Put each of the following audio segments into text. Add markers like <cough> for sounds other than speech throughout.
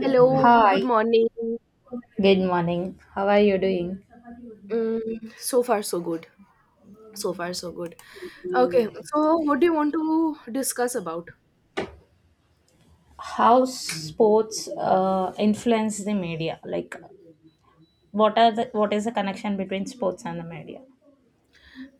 Hello, good Hi, morning. good morning. How are you doing? So far, so good. So far, so good. Okay, so what do you want to discuss about? How sports influence the media? What is the connection between sports and the media?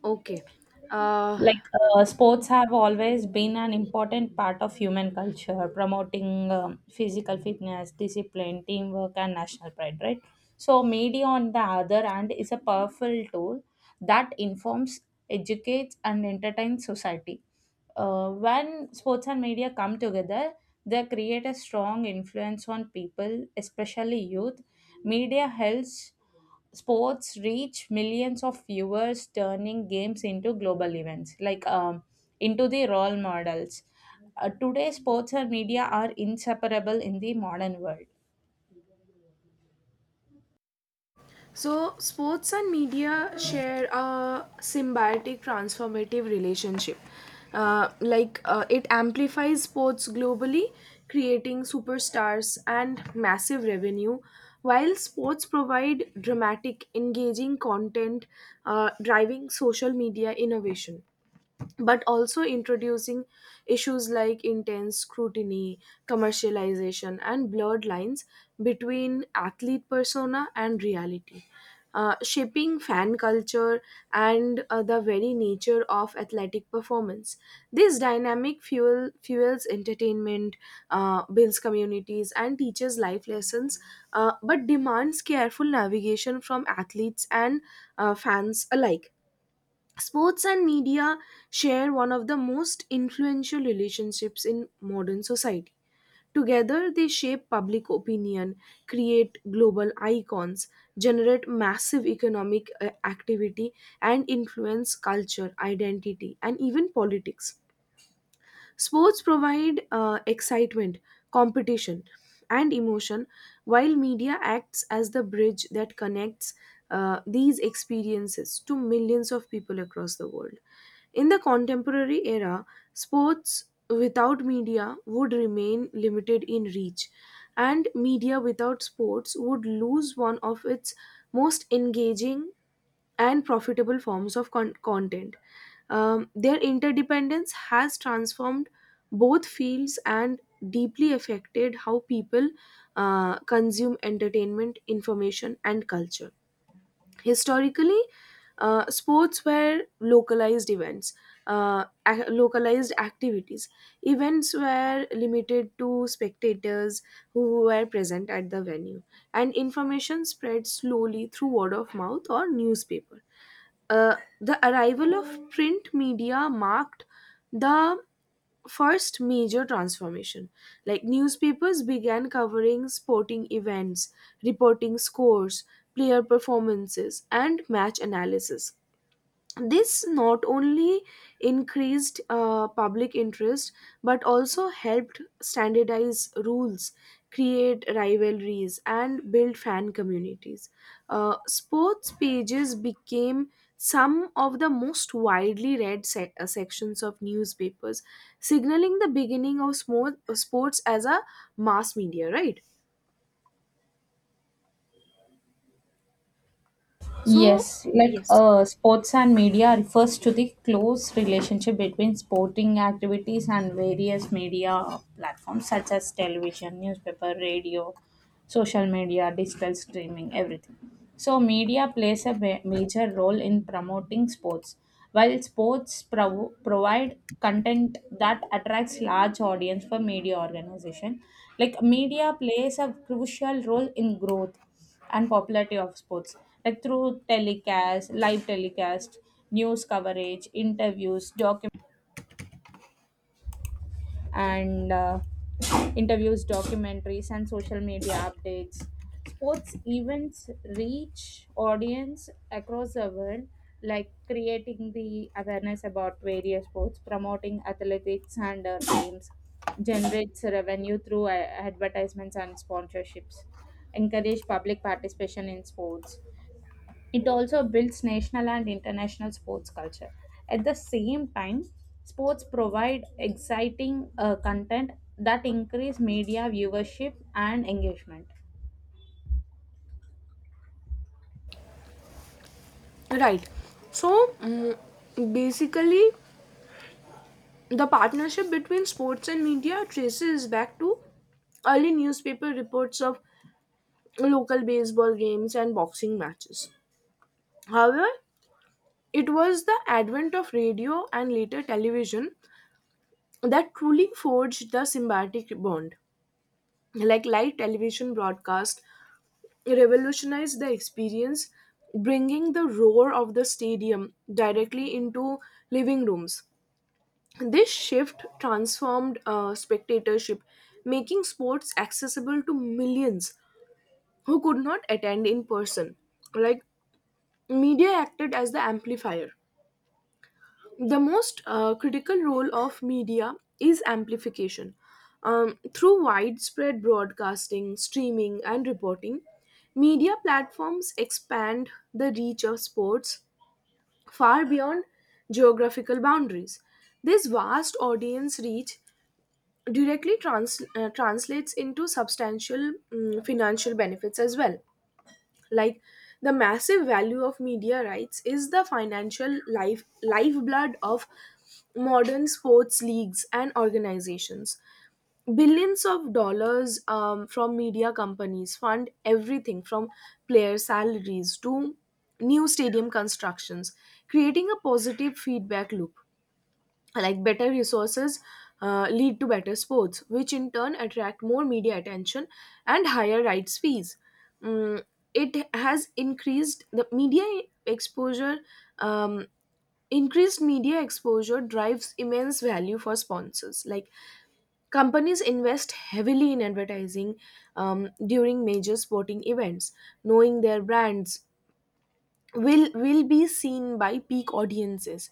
Okay. Uh, Like sports have always been an important part of human culture, promoting physical fitness, discipline, teamwork, and national pride, right? So, media, on the other hand, is a powerful tool that informs, educates, and entertains society. When sports and media come together, they create a strong influence on people, especially youth. Media helps sports reach millions of viewers, turning games into global events, like into the role models. Today, sports and media are inseparable in the modern world. Sports and media share a symbiotic, transformative relationship. It amplifies sports globally, creating superstars and massive revenue, while sports provide dramatic, engaging content, driving social media innovation, but also introducing issues like intense scrutiny, commercialization, and blurred lines between athlete persona and reality. Shaping fan culture and the very nature of athletic performance. This dynamic fuels entertainment, builds communities, and teaches life lessons, but demands careful navigation from athletes and fans alike. Sports and media share one of the most influential relationships in modern society. Together, they shape public opinion, create global icons, generate massive economic activity, and influence culture, identity, and even politics. Sports provide excitement, competition, and emotion, while media acts as the bridge that connects these experiences to millions of people across the world. In the contemporary era, sports without media would remain limited in reach, and media without sports would lose one of its most engaging and profitable forms of content. Their interdependence has transformed both fields and deeply affected how people consume entertainment, information, and culture. Historically, sports were localized activities. Events were limited to spectators who were present at the venue, and information spread slowly through word of mouth or newspaper. The arrival of print media marked the first major transformation. Like, newspapers began covering sporting events, reporting scores, player performances, and match analysis. This not only increased public interest but also helped standardize rules, create rivalries, and build fan communities. Uh, sports pages became some of the most widely read sections of newspapers, signaling the beginning of sports as a mass media, right? So Yes, like yes, sports and media refers to the close relationship between sporting activities and various media platforms such as television, newspaper, radio, social media, digital streaming, everything. So, media plays a major role in promoting sports. While sports provide content that attracts large audience for media organization, like media plays a crucial role in growth and popularity of sports, like through telecast, live telecast, news coverage, interviews, and interviews, documentaries, and social media updates. Sports events reach audience across the world, like creating the awareness about various sports, promoting athletics and teams, generates revenue through advertisements and sponsorships, encourage public participation in sports. It also builds national and international sports culture. At the same time, sports provide exciting content that increase media viewership and engagement. right. So basically, the partnership between sports and media traces back to early newspaper reports of local baseball games and boxing matches. However, it was the advent of radio and later television that truly forged the symbiotic bond. Like, live television broadcast revolutionized the experience, bringing the roar of the stadium directly into living rooms. This shift transformed spectatorship, making sports accessible to millions who could not attend in person. Like, media acted as the amplifier. The most critical role of media is amplification. Through widespread broadcasting, streaming, and reporting, media platforms expand the reach of sports far beyond geographical boundaries. This vast audience reach directly translates into substantial financial benefits as well. Like, the massive value of media rights is the financial lifeblood of modern sports leagues and organizations. Billions of dollars from media companies fund everything from player salaries to new stadium constructions, creating a positive feedback loop. Like, better resources lead to better sports, which in turn attract more media attention and higher rights fees. Mm, it has increased the media exposure um, Increased media exposure drives immense value for sponsors. Like, companies invest heavily in advertising during major sporting events, knowing their brands will be seen by peak audiences.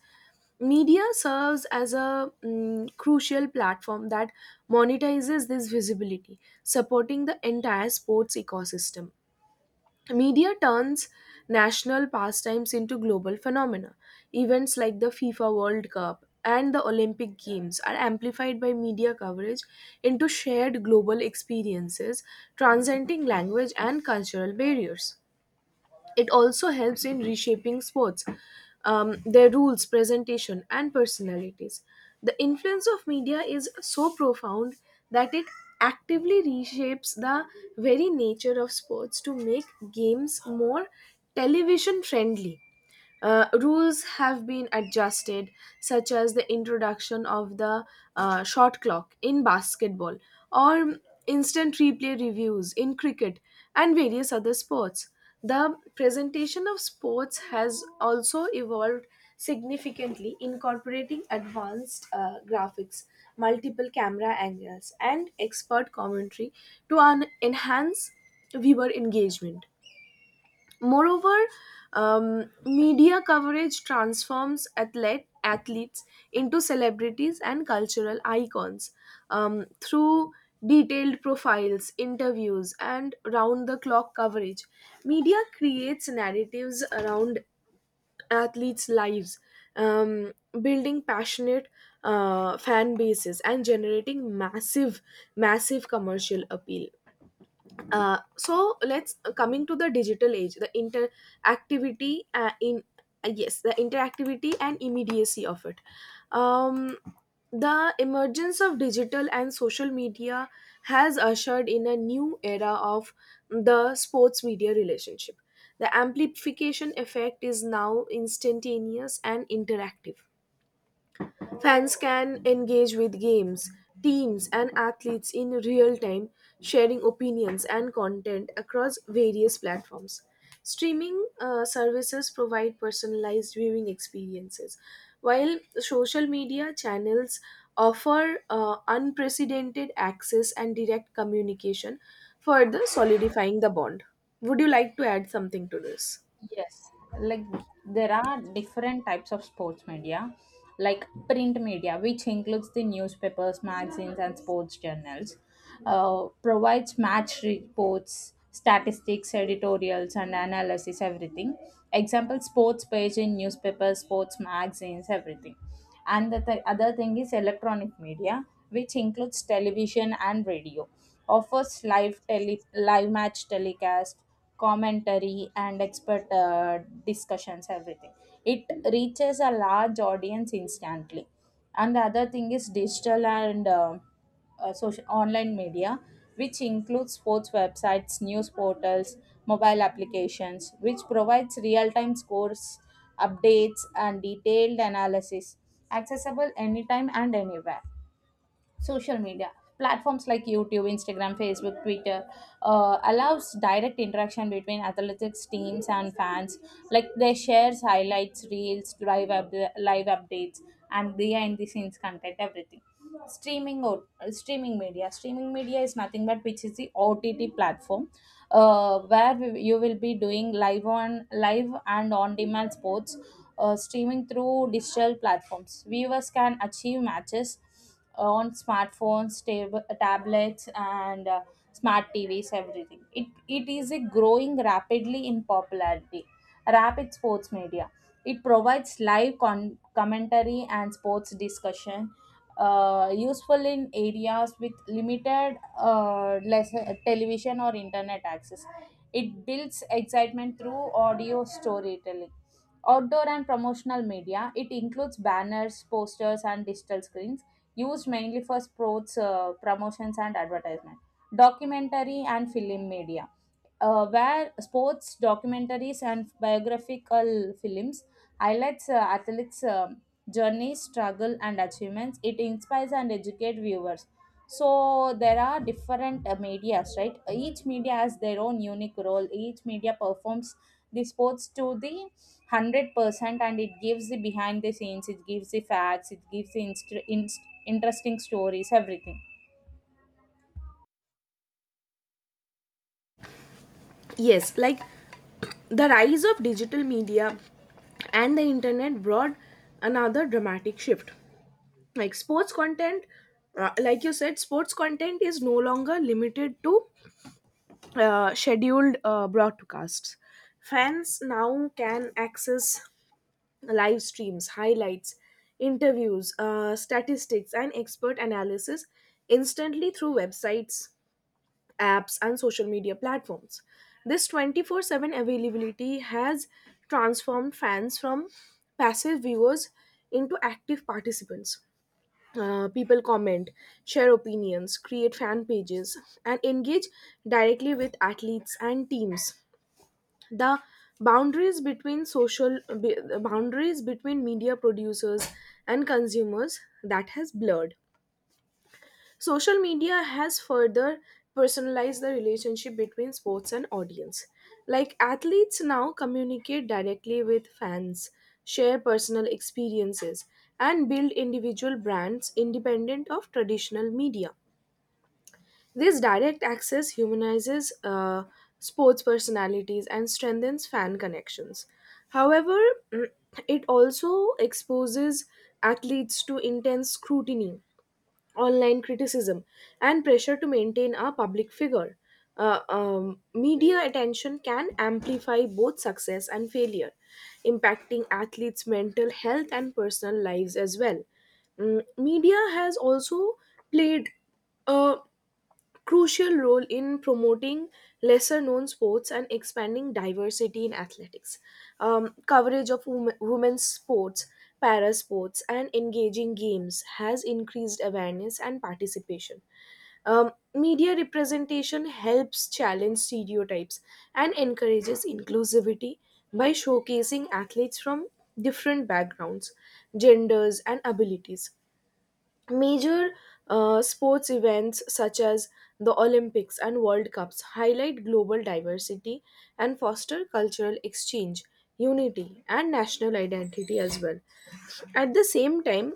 Media serves as a crucial platform that monetizes this visibility, supporting the entire sports ecosystem. Media turns national pastimes into global phenomena. Events like the FIFA World Cup and the Olympic Games are amplified by media coverage into shared global experiences, transcending language and cultural barriers. It also helps in reshaping sports, their rules, presentation, and personalities. The influence of media is so profound that it actively reshapes the very nature of sports to make games more television friendly. Rules have been adjusted, such as the introduction of the shot clock in basketball or instant replay reviews in cricket and various other sports. The presentation of sports has also evolved significantly, incorporating advanced graphics, multiple camera angles, and expert commentary to enhance viewer engagement. Moreover, media coverage transforms athletes into celebrities and cultural icons through detailed profiles, interviews, and round the clock coverage. Media creates narratives around athletes' lives, um, building passionate fan bases and generating massive commercial appeal. So let's Coming to the digital age, the interactivity and immediacy of it. Um, the emergence of digital and social media has ushered in a new era of the sports media relationship. The amplification effect is now instantaneous and interactive. Fans can engage with games, teams, and athletes in real time, sharing opinions and content across various platforms. Streaming services provide personalized viewing experiences, while social media channels offer unprecedented access and direct communication, further solidifying the bond. Would you like to add something to this? Yes, like there are different types of sports media, like print media, which includes the newspapers, magazines, and sports journals, provides match reports, statistics, editorials, and analysis, everything. Example, sports page in newspapers, sports magazines, everything. And the other thing is electronic media, which includes television and radio, offers live match telecast, commentary, and expert discussions, everything. It reaches a large audience instantly. And the other thing is digital and social online media, which includes sports websites, news portals, mobile applications, which provides real-time scores, updates, and detailed analysis, accessible anytime and anywhere. Social media platforms like YouTube, Instagram, Facebook, Twitter, allows direct interaction between athletics, teams, and fans, like they shares highlights reels, live updates, and behind the scenes content, everything. Streaming media is nothing but which is the OTT platform, where you will be doing live, on live and on demand sports streaming through digital platforms. Viewers can achieve matches on smartphones, tablets, and smart TVs. Everything. It is a growing rapidly in popularity. Rapid sports media. It provides live commentary and sports discussion, useful in areas with limited less television or internet access. It builds excitement through audio storytelling. Outdoor and promotional media. It includes banners, posters, and digital screens used mainly for sports promotions and advertisement. Documentary and film media, where sports documentaries and biographical films highlights athletes' journey, struggle, and achievements. It inspires and educates viewers. So there are different medias, right? Each media has their own unique role. Each media performs the sports to the 100%, and it gives the behind the scenes. It gives the facts. It gives the interesting stories. Everything. Yes, like, the rise of digital media and the internet brought another dramatic shift. Like sports content, sports content is no longer limited to scheduled broadcasts. Fans now can access live streams, highlights, interviews, statistics, and expert analysis instantly through websites, apps, and social media platforms. This 24/7 availability has transformed fans from passive viewers into active participants. People comment, share opinions, create fan pages, and engage directly with athletes and teams. The boundaries between media producers and consumers that has blurred. Social media has further personalized the relationship between sports and audience. Like, athletes now communicate directly with fans, share personal experiences, and build individual brands independent of traditional media. This direct access humanizes sports personalities and strengthens fan connections. However, <clears throat> it also exposes athletes to intense scrutiny, online criticism, and pressure to maintain a public figure. Media attention can amplify both success and failure, impacting athletes' mental health and personal lives as well. Media has also played a crucial role in promoting lesser known sports and expanding diversity in athletics. Coverage of women's sports, para sports, and engaging games has increased awareness and participation. Media representation helps challenge stereotypes and encourages inclusivity by showcasing athletes from different backgrounds, genders, and abilities. Major sports events such as the Olympics and World Cups highlight global diversity and foster cultural exchange, unity, and national identity as well. At the same time,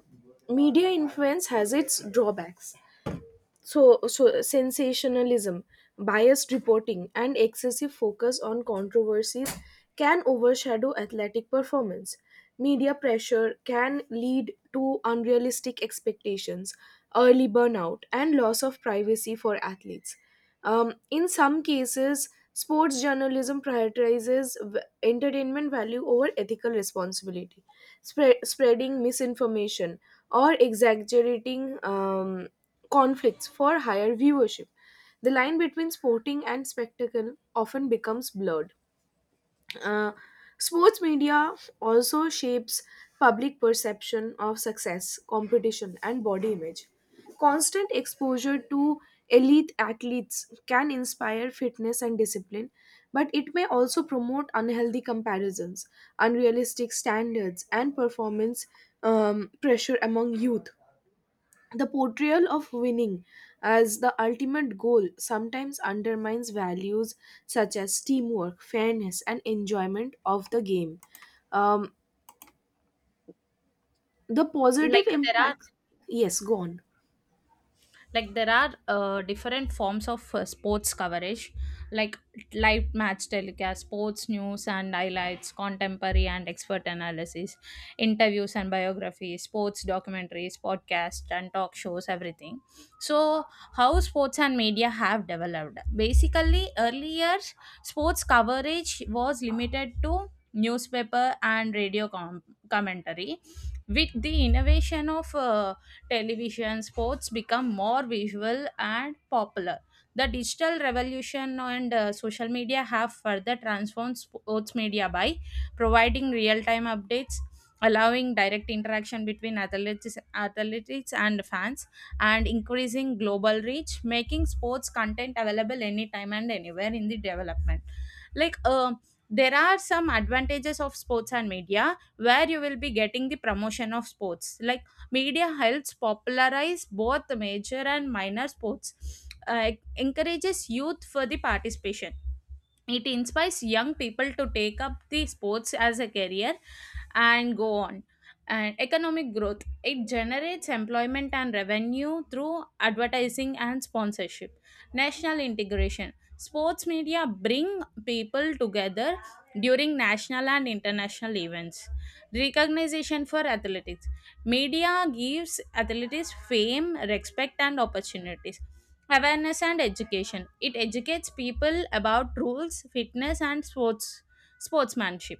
media influence has its drawbacks. So sensationalism, biased reporting, and excessive focus on controversies can overshadow athletic performance. Media pressure can lead to unrealistic expectations, early burnout, and loss of privacy for athletes. Um, in some cases, sports journalism prioritizes entertainment value over ethical responsibility, spreading misinformation or exaggerating conflicts for higher viewership. The line between sporting and spectacle often becomes blurred. Uh, sports media also shapes public perception of success, competition, and body image. Constant exposure to elite athletes can inspire fitness and discipline, but it may also promote unhealthy comparisons, unrealistic standards, and performance pressure among youth. The portrayal of winning as the ultimate goal sometimes undermines values such as teamwork, fairness, and enjoyment of the game. Um, the positive like there are impact. Yes, go on. like there are different forms of sports coverage, like live match telecast, sports news and highlights, contemporary and expert analysis, interviews and biographies, sports documentaries, podcasts, and talk shows, everything. So how sports and media have developed. Basically, earlier sports coverage was limited to newspaper and radio commentary. With the innovation of television, sports become more visual and popular. The digital revolution and social media have further transformed sports media by providing real-time updates, allowing direct interaction between athletes and fans, and increasing global reach, making sports content available anytime and anywhere. In the development, like there are some advantages of sports and media, where you will be getting the promotion of sports, like media helps popularize both major and minor sports, encourages youth for the participation. It inspires young people to take up the sports as a career and go on. And economic growth, it generates employment and revenue through advertising and sponsorship. National integration, sports media bring people together during national and international events. Recognition for athletics, media gives athletics fame, respect, and opportunities. Awareness and education, it educates people about rules, fitness, and sports sportsmanship.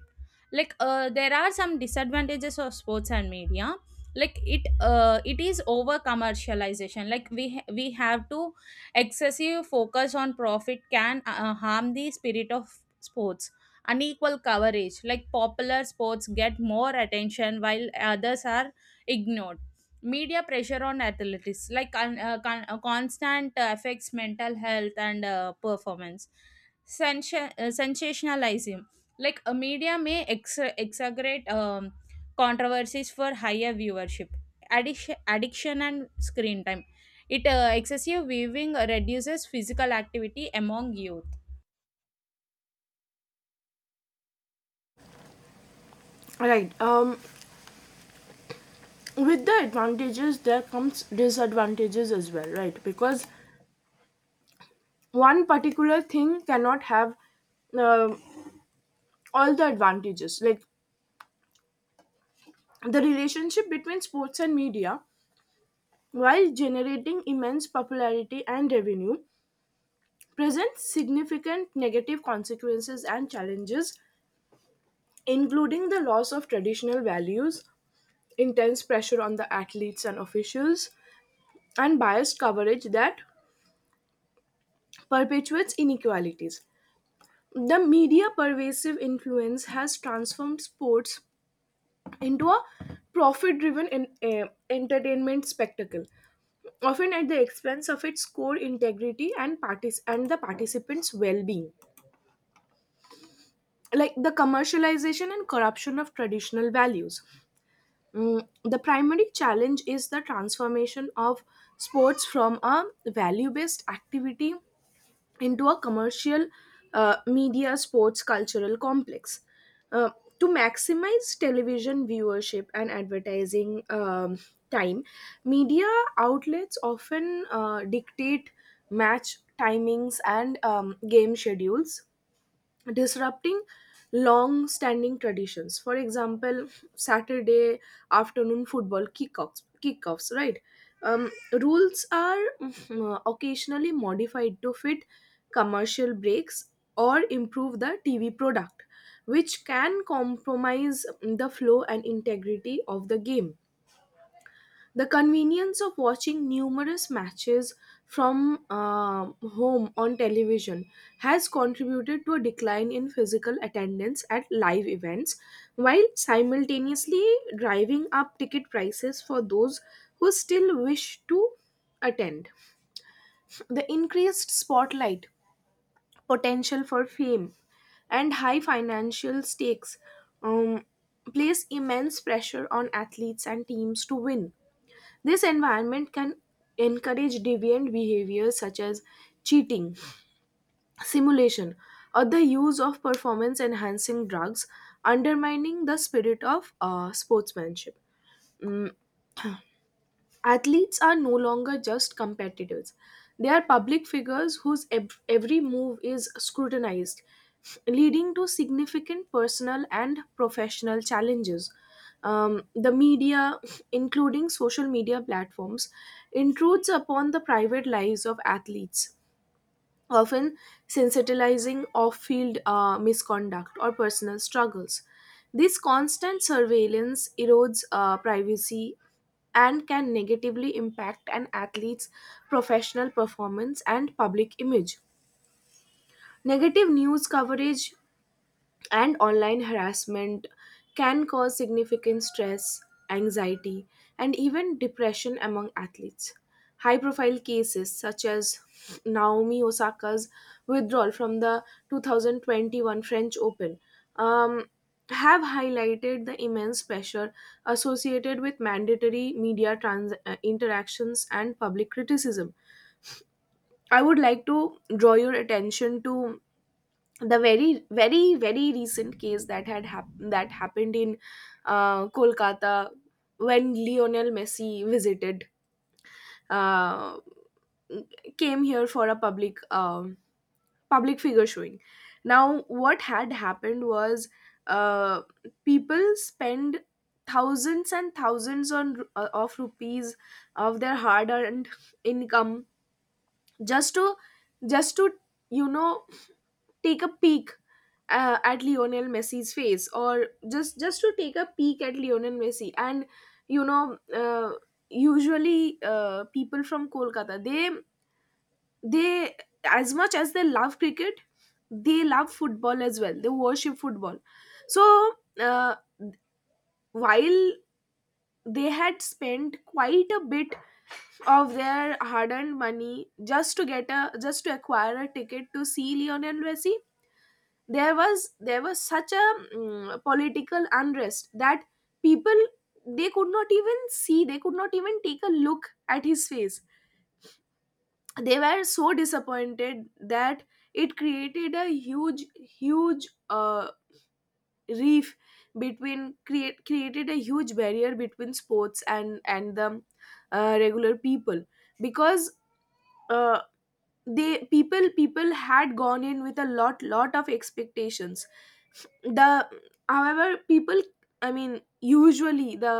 Like there are some disadvantages of sports and media, like it is over commercialization, like we have to, excessive focus on profit can harm the spirit of sports. Unequal coverage, like popular sports get more attention while others are ignored. Media pressure on athletes, like constant affects mental health and performance. Sensationalism, like a media may exaggerate controversies for higher viewership. Addiction and screen time, it excessive viewing reduces physical activity among youth. Right. With the advantages, there comes disadvantages as well, right? Because one particular thing cannot have um all the advantages. Like, the relationship between sports and media, while generating immense popularity and revenue, presents significant negative consequences and challenges, including the loss of traditional values, intense pressure on the athletes and officials, and biased coverage that perpetuates inequalities. The media pervasive influence has transformed sports into a profit driven entertainment spectacle, often at the expense of its core integrity and, and the participants' well being. Like the commercialization and corruption of traditional values. Mm, the primary challenge is the transformation of sports from a value based activity into a commercial media sports cultural complex. Uh, to maximize television viewership and advertising time, media outlets often dictate match timings and game schedules, disrupting long standing traditions, for example, Saturday afternoon football kickoffs, right? Um, rules are occasionally modified to fit commercial breaks or improve the TV product, which can compromise the flow and integrity of the game. The convenience of watching numerous matches from home on television has contributed to a decline in physical attendance at live events, while simultaneously driving up ticket prices for those who still wish to attend. The increased spotlight, potential for fame, and high financial stakes um, place immense pressure on athletes and teams to win. This environment can encourage deviant behaviors such as cheating, simulation, or the use of performance enhancing drugs, undermining the spirit of sportsmanship. Mm, Athletes are no longer just competitors. They are public figures whose every move is scrutinized, leading to significant personal and professional challenges. The media, including social media platforms, intrudes upon the private lives of athletes, often sensitizing off field misconduct or personal struggles. This constant surveillance erodes privacy and can negatively impact an athlete's professional performance and public image. Negative news coverage and online harassment can cause significant stress, anxiety, and even depression among athletes. High profile cases such as Naomi Osaka's withdrawal from the 2021 French Open um, have highlighted the immense pressure associated with mandatory media interactions and public criticism. I would like to draw your attention to the very recent case that that happened in Kolkata when Lionel Messi visited uh, came here for a public public figure showing. Now, what had happened was uh, people spend thousands and thousands on of rupees of their hard earned income just to just to you know take a peek at Lionel Messi's face, or just to take a peek at Lionel Messi. And you know, uh, usually people from Kolkata, they as much as they love cricket, they love football as well. They worship football. So while they had spent quite a bit of their hard-earned money just to acquire a ticket to see Lionel Messi, there was such a political unrest that people they could not even take a look at his face. They were so disappointed that it created a huge reef between, created a huge barrier between sports and the regular people, because uh, they people had gone in with a lot of expectations. The however people, I mean, usually the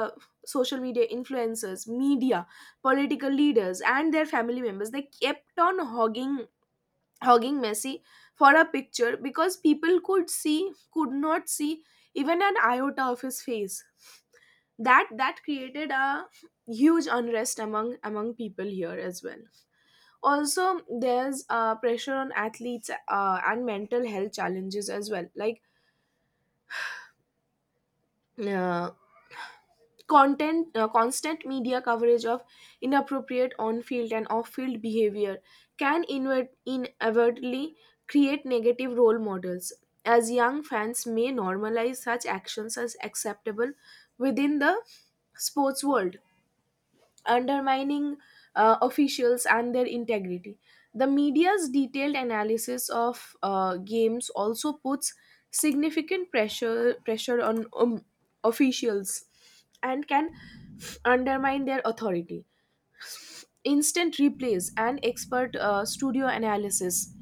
social media influencers, media, political leaders and their family members, they kept on hogging Messi for a picture, because people could see could not see even an iota of his face. That created a huge unrest among people here as well. Also, there's pressure on athletes and mental health challenges as well, like uh, content constant media coverage of inappropriate on field and off field behavior can inver inadvertently create negative role models, as young fans may normalize such actions as acceptable within the sports world, undermining officials and their integrity. The media's detailed analysis of games also puts significant pressure on officials and can undermine their authority. Instant replays and expert studio analysis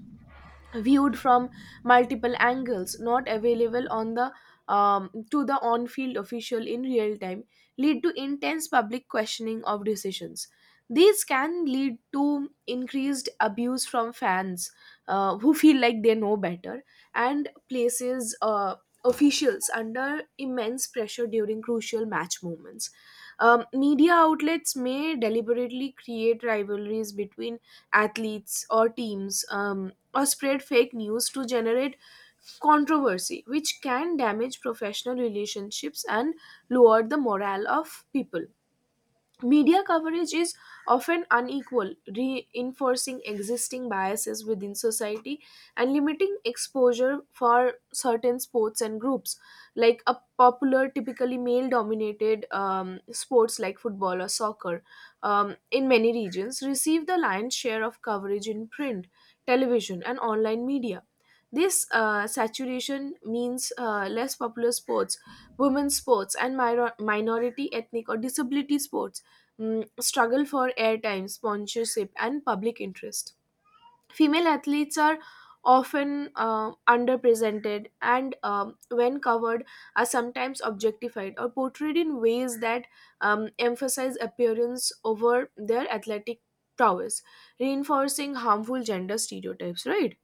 viewed from multiple angles not available on the to the on-field official in real time lead to intense public questioning of decisions. These can lead to increased abuse from fans who feel like they know better, and places officials under immense pressure during crucial match moments. Media outlets may deliberately create rivalries between athletes or teams, or spread fake news to generate controversy, which can damage professional relationships and lower the morale of people. Media coverage is often unequal, reinforcing existing biases within society and limiting exposure for certain sports and groups. Like, a popular, typically male dominated sports like football or soccer in many regions receive the lion's share of coverage in print, television, and online media. This saturation means less popular sports, women's sports, and minority, ethnic, or disability sports struggle for airtime, sponsorship, and public interest. Female athletes are often underrepresented and, when covered, are sometimes objectified or portrayed in ways that emphasize appearance over their athletic prowess, reinforcing harmful gender stereotypes, right?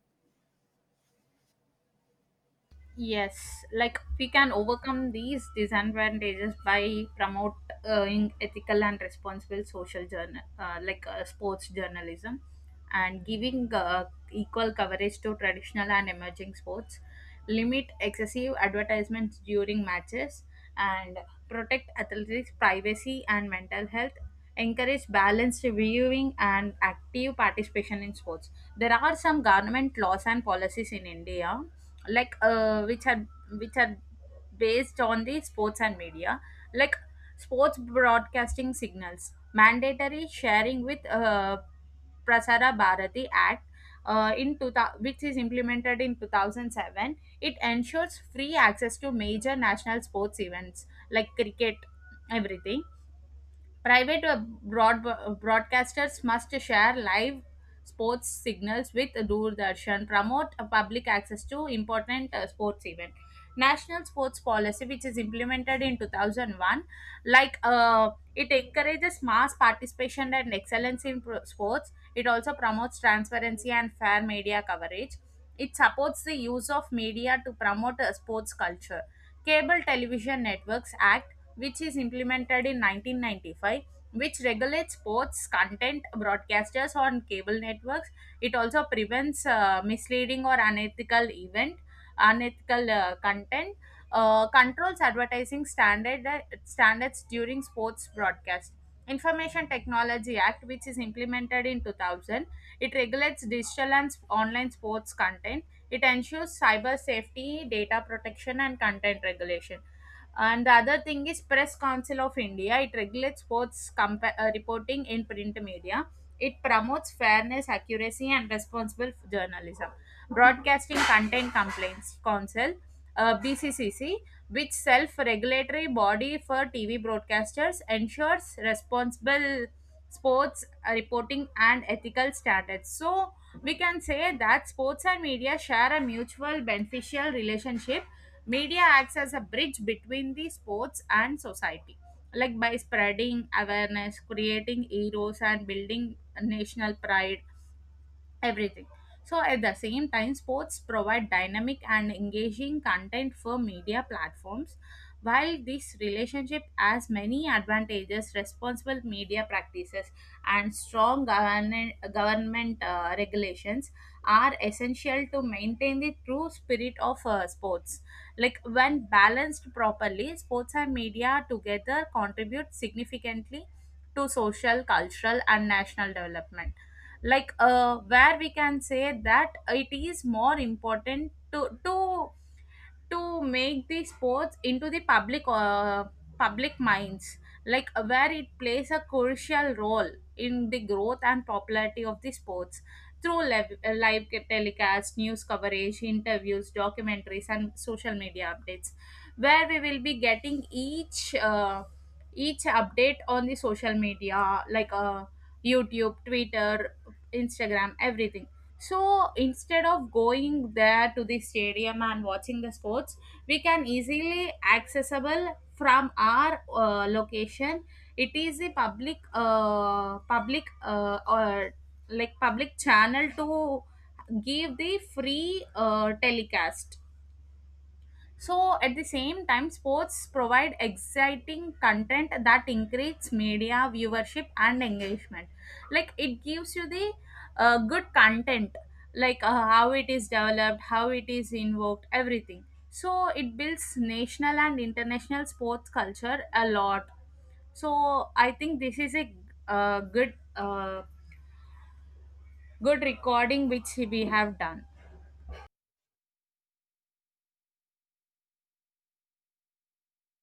Yes, like we can overcome these disadvantages by promoting ethical and responsible social journal, like sports journalism, and giving equal coverage to traditional and emerging sports, limit excessive advertisements during matches, and protect athletes' privacy and mental health. Encourage balanced viewing and active participation in sports. There are some government laws and policies in India, like which had based on the sports and media, like sports broadcasting signals mandatory sharing with Prasara Bharati Act, in 2000, which is implemented in 2007. It ensures free access to major national sports events like cricket, everything. Private broadcasters must share live sports signals with Doordarshan, promote public access to important sports events. National sports policy, which is implemented in 2001, like it encourages mass participation and excellence in sports. It also promotes transparency and fair media coverage. It supports the use of media to promote a sports culture. Cable Television Networks Act, which is implemented in 1995, which regulates sports content broadcasters on cable networks. It also prevents misleading or unethical event, unethical content, controls advertising standards during sports broadcast. Information Technology Act, which is implemented in 2000, it regulates digital and online sports content. It ensures cyber safety, data protection, and content regulation. And the other thing is Press Council of India, it regulates sports reporting in print media. It promotes fairness, accuracy, and responsible journalism. Broadcasting Content Complaints Council, BCCC, which self-regulatory body for TV broadcasters ensures responsible sports reporting and ethical standards. So we can say that sports and media share a mutual beneficial relationship. Media acts as a bridge between the sports and society, like by spreading awareness, creating heroes, and building national pride, everything. So, at the same time, sports provide dynamic and engaging content for media platforms. While this relationship has many advantages, responsible media practices and strong government regulations are essential to maintain the true spirit of sports. Like, when balanced properly, sports and media together contribute significantly to social, cultural, and national development, like where we can say that it is more important to make the sports into the public public minds, like where it plays a crucial role in the growth and popularity of the sports through live telecast, news coverage, interviews, documentaries, and social media updates, where we will be getting each update on the social media, like YouTube, Twitter, Instagram, everything. So instead of going there to the stadium and watching the sports, we can easily accessible from our location. It is a public or like public channel to give the free telecast. So at the same time, sports provide exciting content that increases media viewership and engagement. Like it gives you the good content, like how it is developed, how it is invoked, everything. So it builds national and international sports culture a lot. So I think this is a uh, good uh, good recording which we have done.